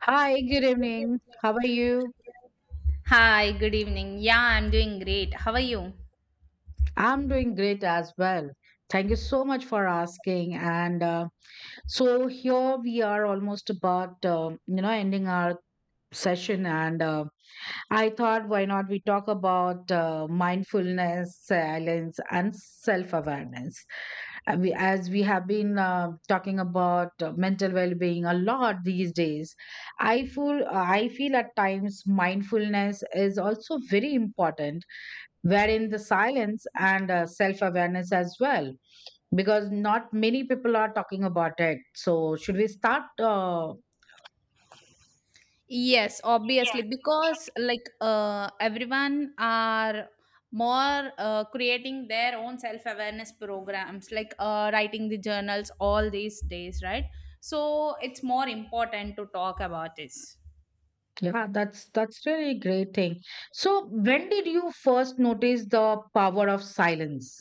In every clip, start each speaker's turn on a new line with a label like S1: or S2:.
S1: Hi, good evening. How are you?
S2: Hi, good evening. Yeah, I'm doing great. How are you?
S1: I'm doing great as well. Thank you so much for asking. And So here we are almost about ending our session and I thought why not we talk about mindfulness, silence and self-awareness. As we have been talking about mental well-being a lot these days, I feel I feel at times mindfulness is also very important, wherein the silence and self awareness as well, because not many people are talking about it. So, should we start?
S2: Yes, obviously,
S1: Yes.
S2: because like everyone are more creating their own self awareness programs, like writing the journals all these days, right? So it's more important to talk about this.
S1: Yeah, that's really great thing. So, when did you first notice the power of silence?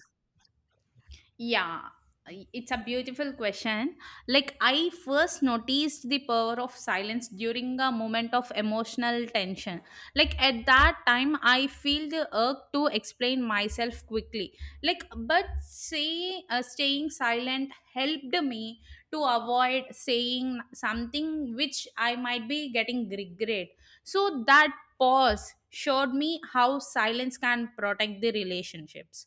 S2: Yeah, it's a beautiful question. Like, I first noticed the power of silence during a moment of emotional tension. Like, at that time, I feel the urge to explain myself quickly. Like, but say, staying silent helped me to avoid saying something which I might be getting regret. So, that pause showed me how silence can protect the relationships.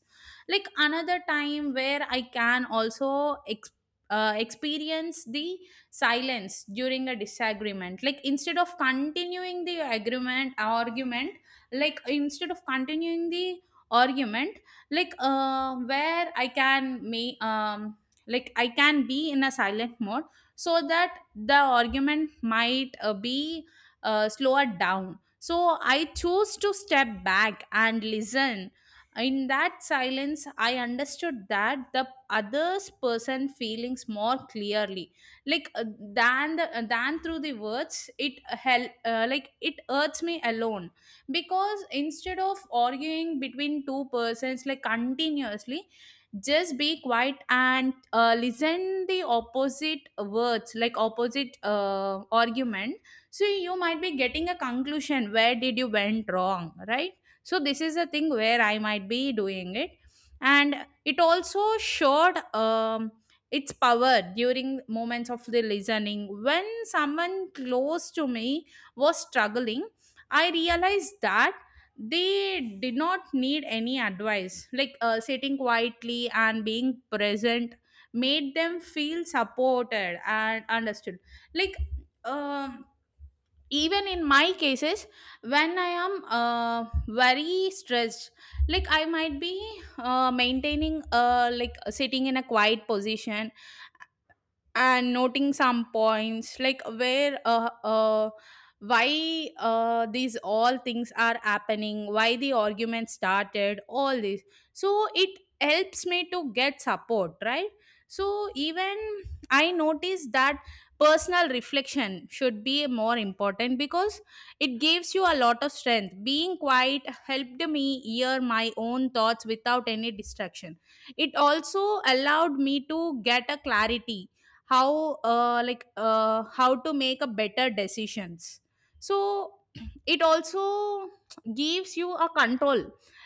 S2: Like another time where I can also ex- experience the silence during a disagreement, like instead of continuing the agreement argument, like instead of continuing the argument like where I can may like I can be in a silent mode so that the argument might be slower down, so I choose to step back and listen. In that silence I understood that the others person feelings more clearly, like uh, than the, than through the words. Like it hurts me alone, because instead of arguing between two persons like continuously, just be quiet and listen the opposite words, like opposite argument. So you might be getting a conclusion where did you went wrong, right? So this is a thing where I might be doing it. And it also showed its power during moments of the listening when someone close to me was struggling. I realized that they did not need any advice, sitting quietly and being present made them feel supported and understood. like um Even in my cases when I am very stressed, like I might be maintaining like sitting in a quiet position and noting some points, like where why these all things are happening, why the argument started, all this. So it helps me to get support, right? So even I notice that personal reflection should be more important, because it gives you a lot of strength. Being quiet helped me hear my own thoughts without any distraction. It also allowed me to get a clarity how to make a better decisions. So it also gives you a control,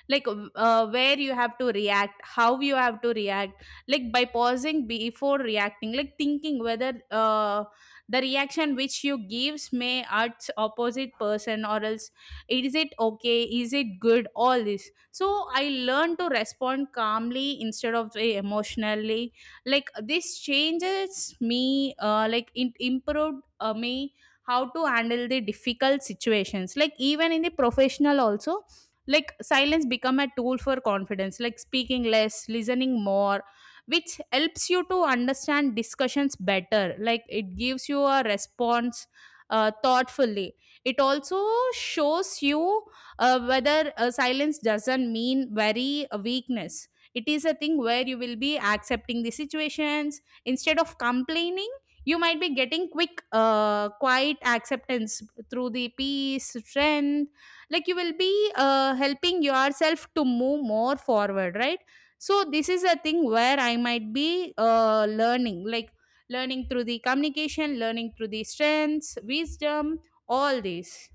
S2: like where you have to react, how you have to react. Like by pausing before reacting, like thinking whether the reaction which you gives may hurt opposite person or else, is it okay, is it good, all this. So I learn to respond calmly instead of emotionally. Like this changes me like it improved me how to handle the difficult situations, like even in the professional also. Like silence become a tool for confidence, like speaking less listening more, which helps you to understand discussions better. Like it gives you a response thoughtfully. It also shows you whether silence doesn't mean very weakness. It is a thing where you will be accepting the situations instead of complaining. You might be getting quiet acceptance through the peace, strength. Like you will be helping yourself to move more forward, right? So this is a thing where I might be learning, like learning through the communication, learning through the strengths, wisdom, all these.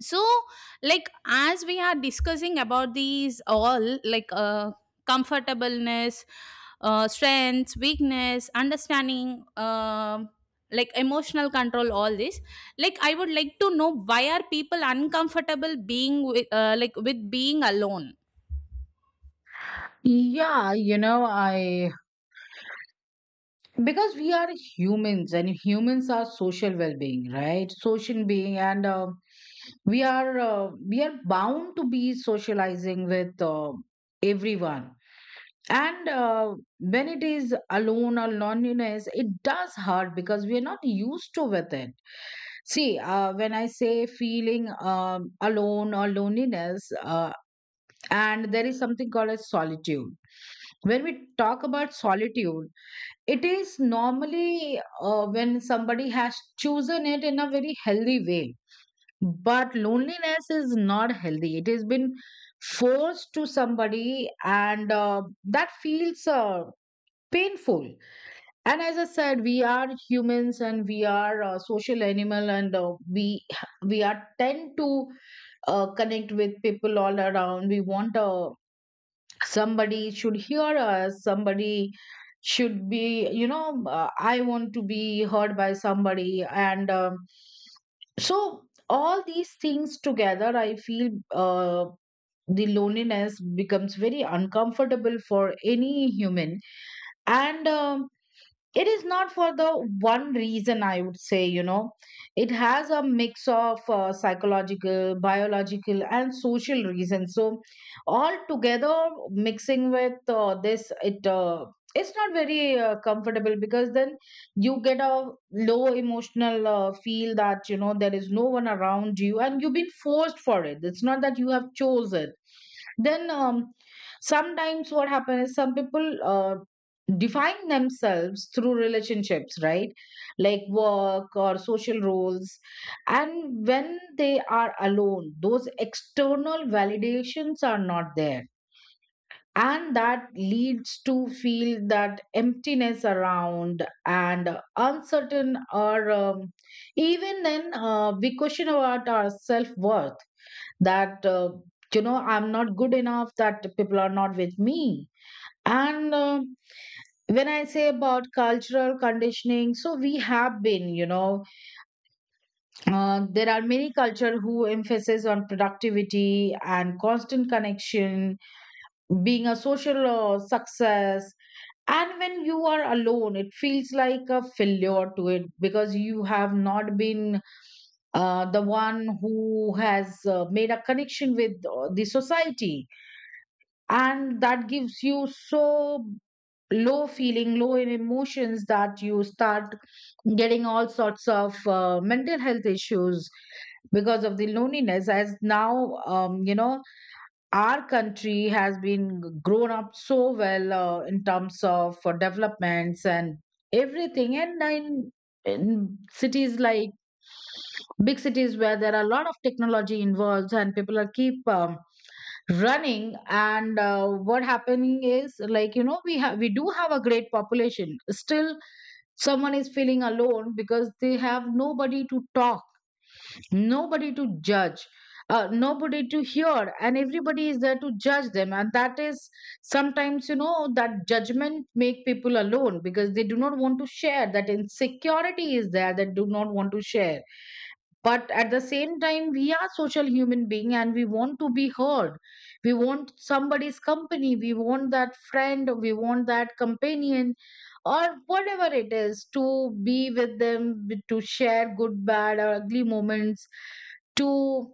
S2: So like as we are discussing about these all, comfortableness, strengths weakness understanding, like emotional control, all this. Like I would like to know why are people uncomfortable being with, like with being alone.
S1: Yeah, you know, I because we are humans and humans are social well-being, right? Social being, and we are bound to be socializing with everyone, and when it is alone or loneliness it does hurt because we are not used to with it. See, when I say feeling alone or loneliness, and there is something called as solitude. When we talk about solitude, it is normally when somebody has chosen it in a very healthy way. But loneliness is not healthy. It has been forced to somebody, and that feels painful. And as I said, we are humans and we are social animal, and we are tend to connect with people all around. We want a somebody should hear us, somebody should be, you know, I want to be heard by somebody, and so all these things together, I feel the loneliness becomes very uncomfortable for any human, and it is not for the one reason, I would say, you know, it has a mix of psychological, biological and social reasons. So all together mixing with this, it's not very comfortable, because then you get a low emotional feel that, you know, there is no one around you and you've been forced for it, it's not that you have chosen. Then sometimes what happens is some people define themselves through relationships, right? Like work or social roles. And when they are alone, those external validations are not there. And that leads to feel that emptiness around and uncertain, or even then we question about our self-worth, that you know, I'm not good enough, that people are not with me, and when I say about cultural conditioning, so we have been, you know, there are many culture who emphasis on productivity and constant connection, being a social success, and when you are alone it feels like a failure to it because you have not been the one who has made a connection with the society, and that gives you so low feeling, low in emotions, that you start getting all sorts of mental health issues because of the loneliness. As now, you know, our country has been grown up so well in terms of developments and everything, in cities like big cities where there are a lot of technology involved and people are keep running, and what happening is like, you know, we do have a great population, still someone is feeling alone because they have nobody to talk, nobody to judge, nobody to hear, and everybody is there to judge them, and that is sometimes, you know, that judgment make people alone because they do not want to share, that insecurity is there that do not want to share, but at the same time we are social human being and we want to be heard. We want somebody's company, we want that friend, we want that companion, or whatever it is, to be with them, to share good, bad or ugly moments, to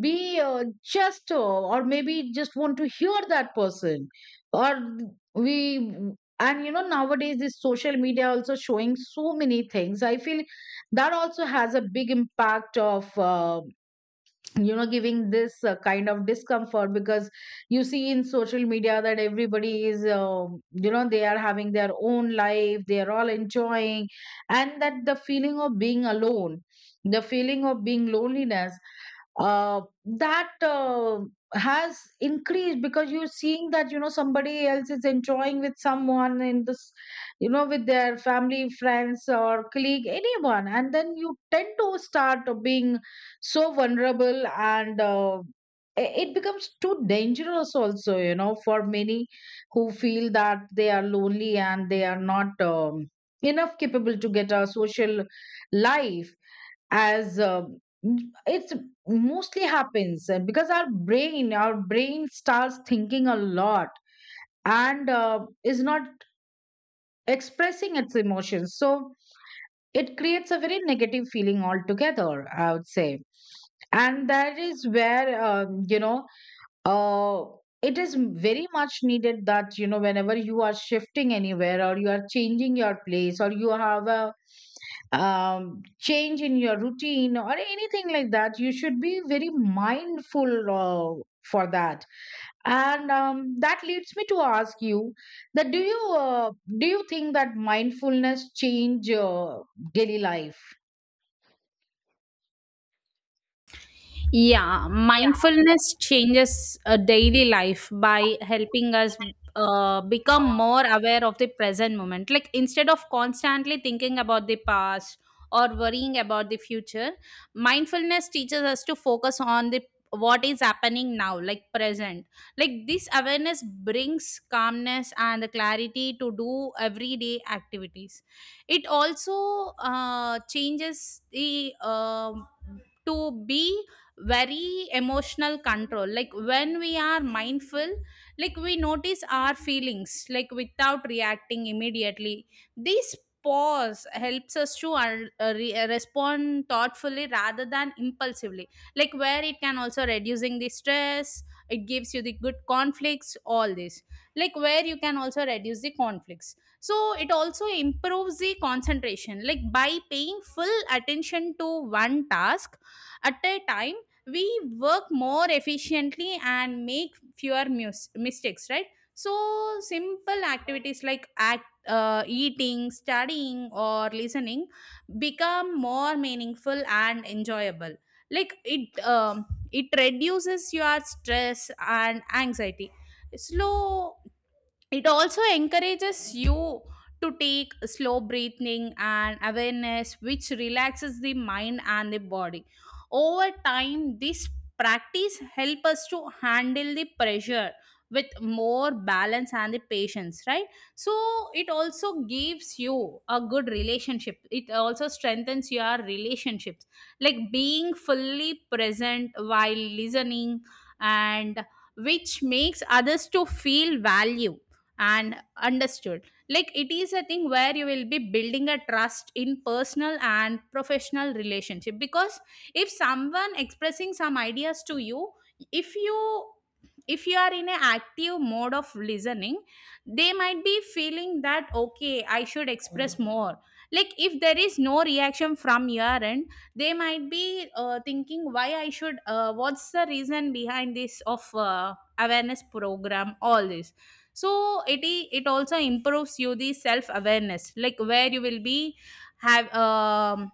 S1: be just or maybe just want to hear that person, or we, and you know, nowadays this social media also showing so many things, I feel that also has a big impact of, you know, giving this kind of discomfort, because you see in social media that everybody is, um, you know, they are having their own life, they are all enjoying, and that the feeling of being alone, the feeling of being loneliness, that has increased, because you're seeing that, you know, somebody else is enjoying with someone in this, you know, with their family, friends or colleague, anyone, and then you tend to start being so vulnerable, it becomes too dangerous also, you know, for many who feel that they are lonely and they are not enough capable to get a social life. As it's mostly happens because our brain starts thinking a lot, and is not expressing its emotions, so it creates a very negative feeling altogether, I would say. And that is where, uh, it is very much needed that, you know, whenever you are shifting anywhere or you are changing your place or you have a change in your routine or anything like that, you should be very mindful for that. And that leads me to ask you that, do you think that mindfulness change daily life?
S2: Yeah, mindfulness changes daily life by helping us become more aware of the present moment. Like instead of constantly thinking about the past or worrying about the future, mindfulness teaches us to focus on the what is happening now, like present. Like this awareness brings calmness and the clarity to do everyday activities. It also changes the to be very emotional control. Like when we are mindful, like we notice our feelings, like without reacting immediately. This pause helps us to respond thoughtfully rather than impulsively, like where it can also reducing the stress. It gives you the good conflicts, all this, like where you can also reduce the conflicts. So it also improves the concentration, like by paying full attention to one task at a time, we work more efficiently and make fewer mistakes, right? So simple activities like act eating, studying or listening become more meaningful and enjoyable. like it um, it reduces your stress and anxiety. Slow It also encourages you to take slow breathing and awareness which relaxes the mind and the body. Over time this practice help us to handle the pressure with more balance and the patience, right? So it also gives you a good relationship. It also strengthens your relationships, like being fully present while listening, and which makes others to feel value and understood. Like it is a thing where you will be building a trust in personal and professional relationship, because if someone expressing some ideas to you, if you if you are in an active mode of listening, they might be feeling that okay, I should express more. Like if there is no reaction from your end, they might be thinking why I should what's the reason behind this of awareness program, all this. So it also improves you the self awareness, like where you will be have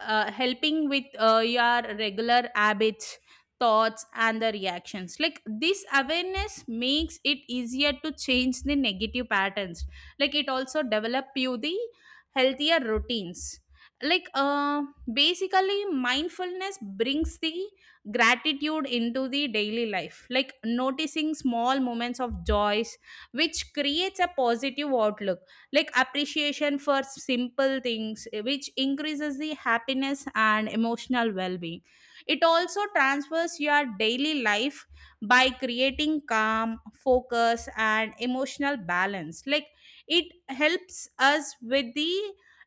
S2: helping with your regular habits, thoughts and the reactions. Like this awareness makes it easier to change the negative patterns. Like it also develop you the healthier routines. like uh, Basically mindfulness brings the gratitude into the daily life, like noticing small moments of joys, which creates a positive outlook. Like appreciation for simple things, which increases the happiness and emotional well-being. It also transfers your daily life by creating calm focus and emotional balance. Like it helps us with the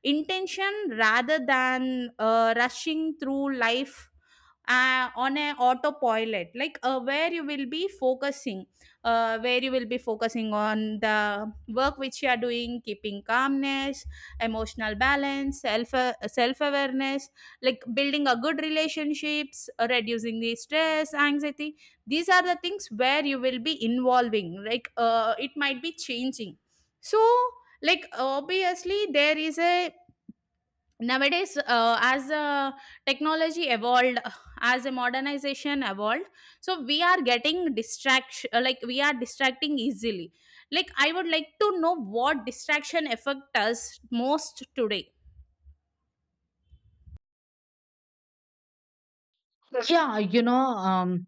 S2: intention rather than rushing through life on a autopilot. Like where you will be focusing on the work which you are doing, keeping calmness, emotional balance, self awareness, like building a good relationships, reducing the stress anxiety. These are the things where you will be involving, it might be changing. So like obviously there is a nowadays as technology evolved, as a modernization evolved. So we are getting distraction, like we are distracting easily. Like I would like to know what distraction affect us most today.
S1: Yeah, you know,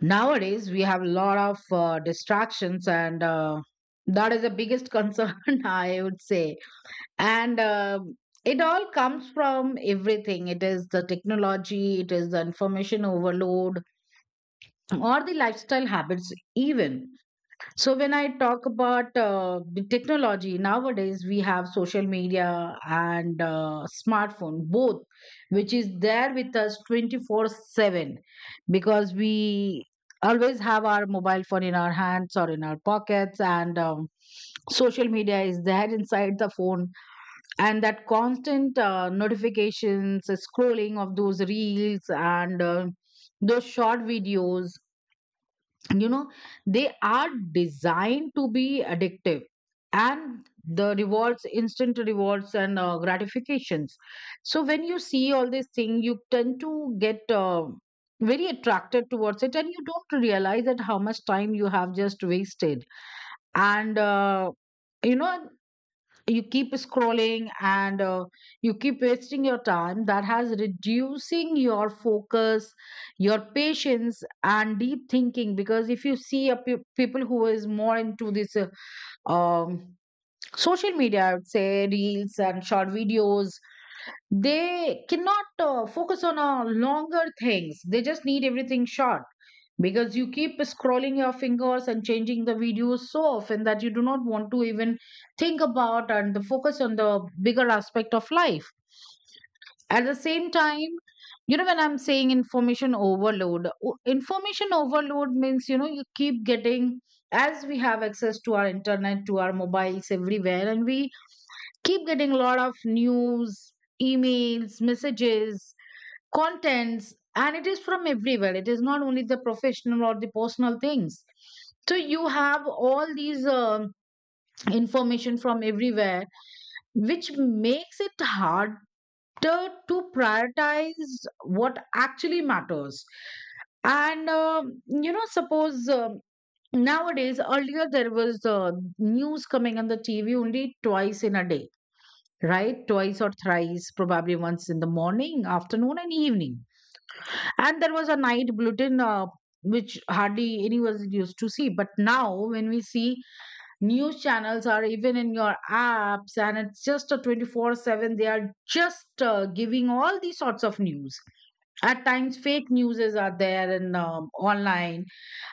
S1: nowadays we have a lot of distractions, and that is the biggest concern, I would say. And it all comes from everything. It is the technology, it is the information overload, or the lifestyle habits even. So when I talk about the technology nowadays, we have social media and smartphone both, which is there with us 24/7, because we always have our mobile phone in our hands or in our pockets, and social media is there inside the phone, and that constant notifications, scrolling of those reels and those short videos, you know, they are designed to be addictive, and the rewards, instant rewards and gratifications. So when you see all these things you tend to get very attracted towards it and you don't realize that how much time you have just wasted, and you know, you keep scrolling, and you keep wasting your time, that has reducing your focus, your patience and deep thinking, because if you see a people who is more into this um, social media, I would say reels and short videos, they cannot focus on longer things, they just need everything short, because you keep scrolling your fingers and changing the videos so often that you do not want to even think about and the focus on the bigger aspect of life. At the same time, you know, when I'm saying information overload, information overload means, you know, you keep getting, as we have access to our internet, to our mobiles everywhere, and we keep getting a lot of news, emails, messages, contents, and it is from everywhere. It is not only the professional or the personal things. So you have all these information from everywhere, which makes it harder to prioritize what actually matters. And you know, suppose nowadays, earlier there was news coming on the TV only twice in a day, right? Twice or thrice, probably once in the morning, afternoon, and evening. And there was a night bulletin. Which hardly anyone used to see, but now when we see news channels are even in your apps and it's just a 24/7, they are just giving all these sorts of news, at times fake news are there, and online,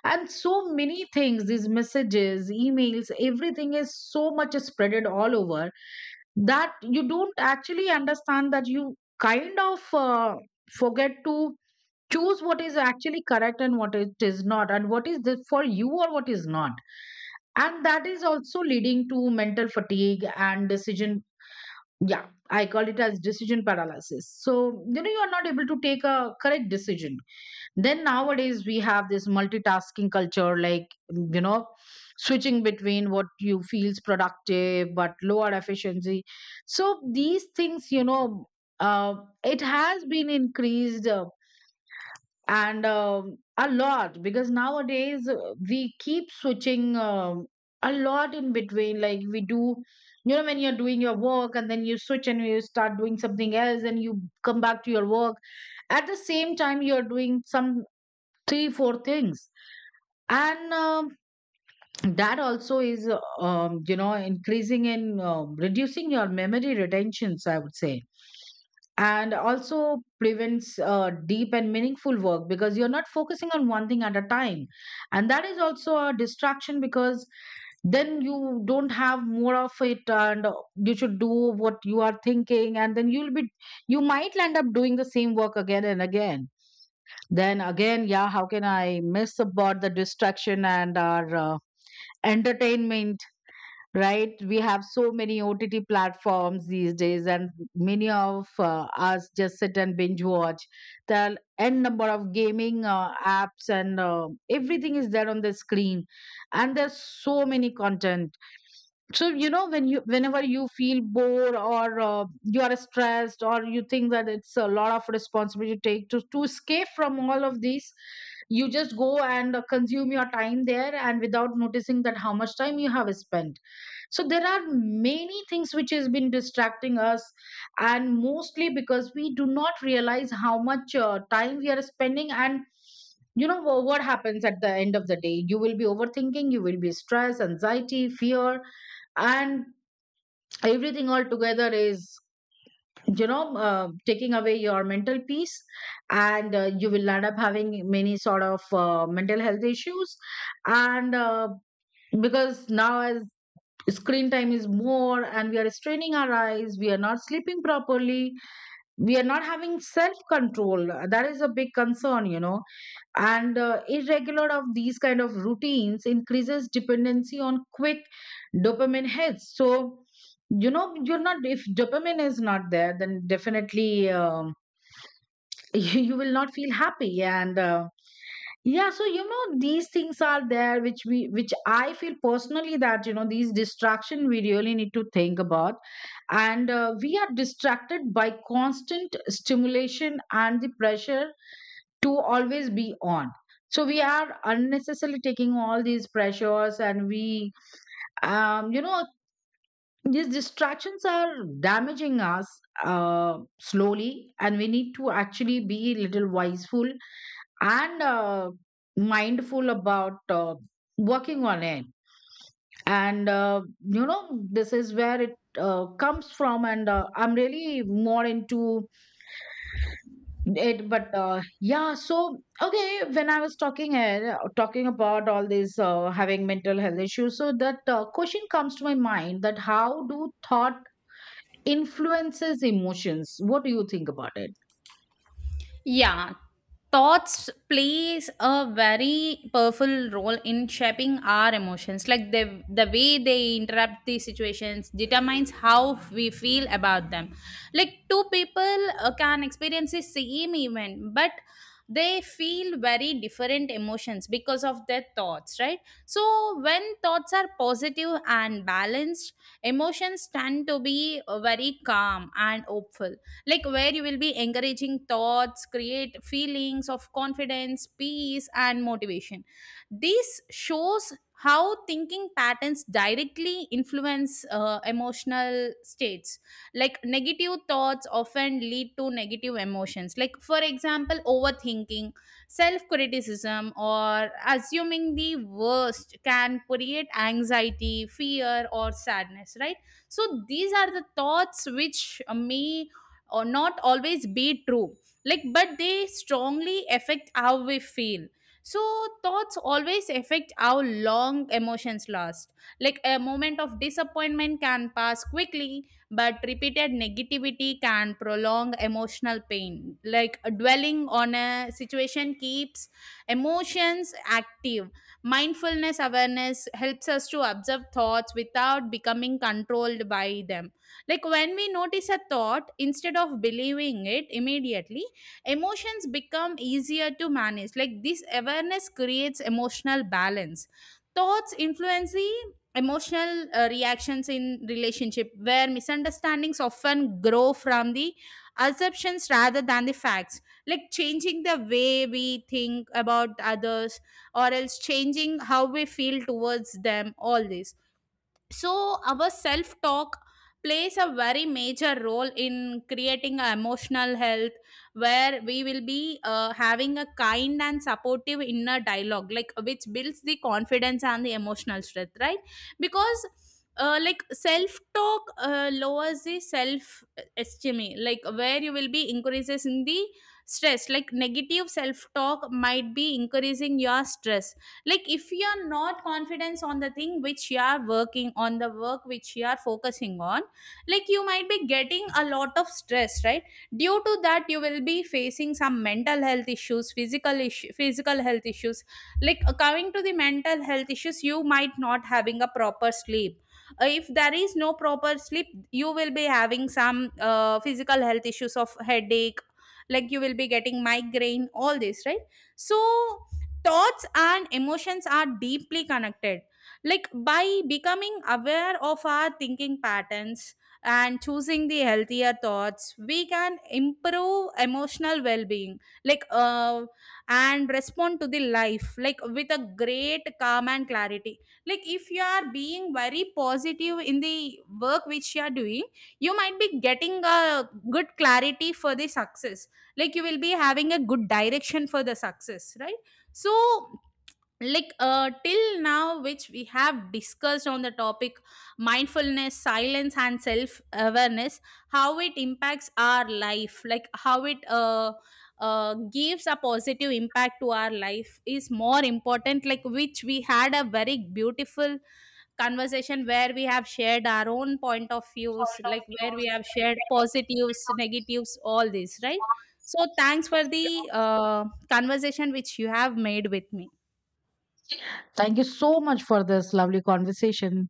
S1: and so many things, these messages, emails, everything is so much spreaded all over that you don't actually understand that you kind of forget to choose what is actually correct and what it is not, and what is this for you or what is not, and that is also leading to mental fatigue and decision, yeah, I call it as decision paralysis. So, you know, you are not able to take a correct decision. Then nowadays we have this multitasking culture, like, you know, switching between what you feels productive but lower efficiency. So these things, you know, uh, it has been increased, and a lot, because nowadays we keep switching a lot in between, like we do, you know, when you're doing your work and then you switch and you start doing something else and you come back to your work, at the same time you're doing some three four things, and that also is, you know, increasing in, reducing your memory retentions, I would say, and also prevents deep and meaningful work because you're not focusing on one thing at a time, and that is also a distraction because then you don't have more of it, and you should do what you are thinking and then you'll be, you might end up doing the same work again and again. Then again, yeah, how can I miss about the distraction and our entertainment, right? We have so many OTT platforms these days, and many of us just sit and binge watch. There are n number of gaming apps, and everything is there on the screen, and there's so many content, so you know when you, whenever you feel bored or you are stressed or you think that it's a lot of responsibility to take, to escape from all of these, you just go and consume your time there and without noticing that how much time you have spent. So there are many things which has been distracting us, and mostly because we do not realize how much time we are spending, and you know, what happens at the end of the day, you will be overthinking, you will be stress, anxiety, fear, and everything all together is, you know, taking away your mental peace, and you will end up having many sort of mental health issues, and because now, as screen time is more and we are straining our eyes, we are not sleeping properly, we are not having self control, that is a big concern, you know. And irregular of these kind of routines increases dependency on quick dopamine hits. So, you know, you're not, if dopamine is not there, then definitely, you will not feel happy, and yeah, so you know, these things are there which we, which I feel personally, that you know, these distraction we really need to think about, and we are distracted by constant stimulation and the pressure to always be on, so we are unnecessarily taking all these pressures, and we you know, these distractions are damaging us slowly, and we need to actually be a little wiseful and mindful about working on it, and you know, this is where it comes from, and I'm really more into it, but yeah. So okay, when I was talking about all this having mental health issues, so that question comes to my mind, that how do thought influences emotions? What do you think about it?
S2: Yeah, thoughts plays a very powerful role in shaping our emotions. Like the way they interrupt the situations determines how we feel about them. Like two people can experience the same event, but they feel very different emotions because of their thoughts, right? So when thoughts are positive and balanced, emotions tend to be very calm and hopeful, like where you will be encouraging thoughts create feelings of confidence, peace and motivation. This shows how thinking patterns directly influence emotional states. Like negative thoughts often lead to negative emotions, like for example overthinking, self criticism or assuming the worst can create anxiety, fear or sadness, right? So these are the thoughts which may or not always be true, like but they strongly affect how we feel. So thoughts always affect how long emotions last, like a moment of disappointment can pass quickly but repeated negativity can prolong emotional pain. Like dwelling on a situation keeps emotions active. Mindfulness awareness helps us to observe thoughts without becoming controlled by them. Like when we notice a thought instead of believing it immediately, emotions become easier to manage. Like this awareness creates emotional balance. Thoughts influence the emotional reactions in relationship, where misunderstandings often grow from the assumptions rather than the facts. Like changing the way we think about others, or else changing how we feel towards them, all this. So our self talk plays a very major role in creating a emotional health, where we will be having a kind and supportive inner dialogue, like which builds the confidence and the emotional strength, right? Because like self talk lowers the self esteem, like where you will be increases in the stress. Like negative self talk might be increasing your stress. Like if you are not confident on the thing which you are working on, the work which you are focusing on, like you might be getting a lot of stress, right? Due to that you will be facing some mental health issues, physical issue, physical health issues. Like coming to the mental health issues, you might not having a proper sleep. If there is no proper sleep, you will be having some physical health issues of headache, like you will be getting migraine, all this, right? So thoughts and emotions are deeply connected. Like by becoming aware of our thinking patterns and choosing the healthier thoughts, we can improve emotional well-being, like uh, and respond to the life like with a great calm and clarity. Like if you are being very positive in the work which you are doing, you might be getting a good clarity for the success, like you will be having a good direction for the success, right? So till now which we have discussed on the topic mindfulness, silence and self awareness, how it impacts our life, like how it gives a positive impact to our life is more important. Like which we had a very beautiful conversation where we have shared our own point of views, like where we have shared positives, negatives, all this, right? So thanks for the conversation which you have made with me.
S1: Thank you so much for this lovely conversation.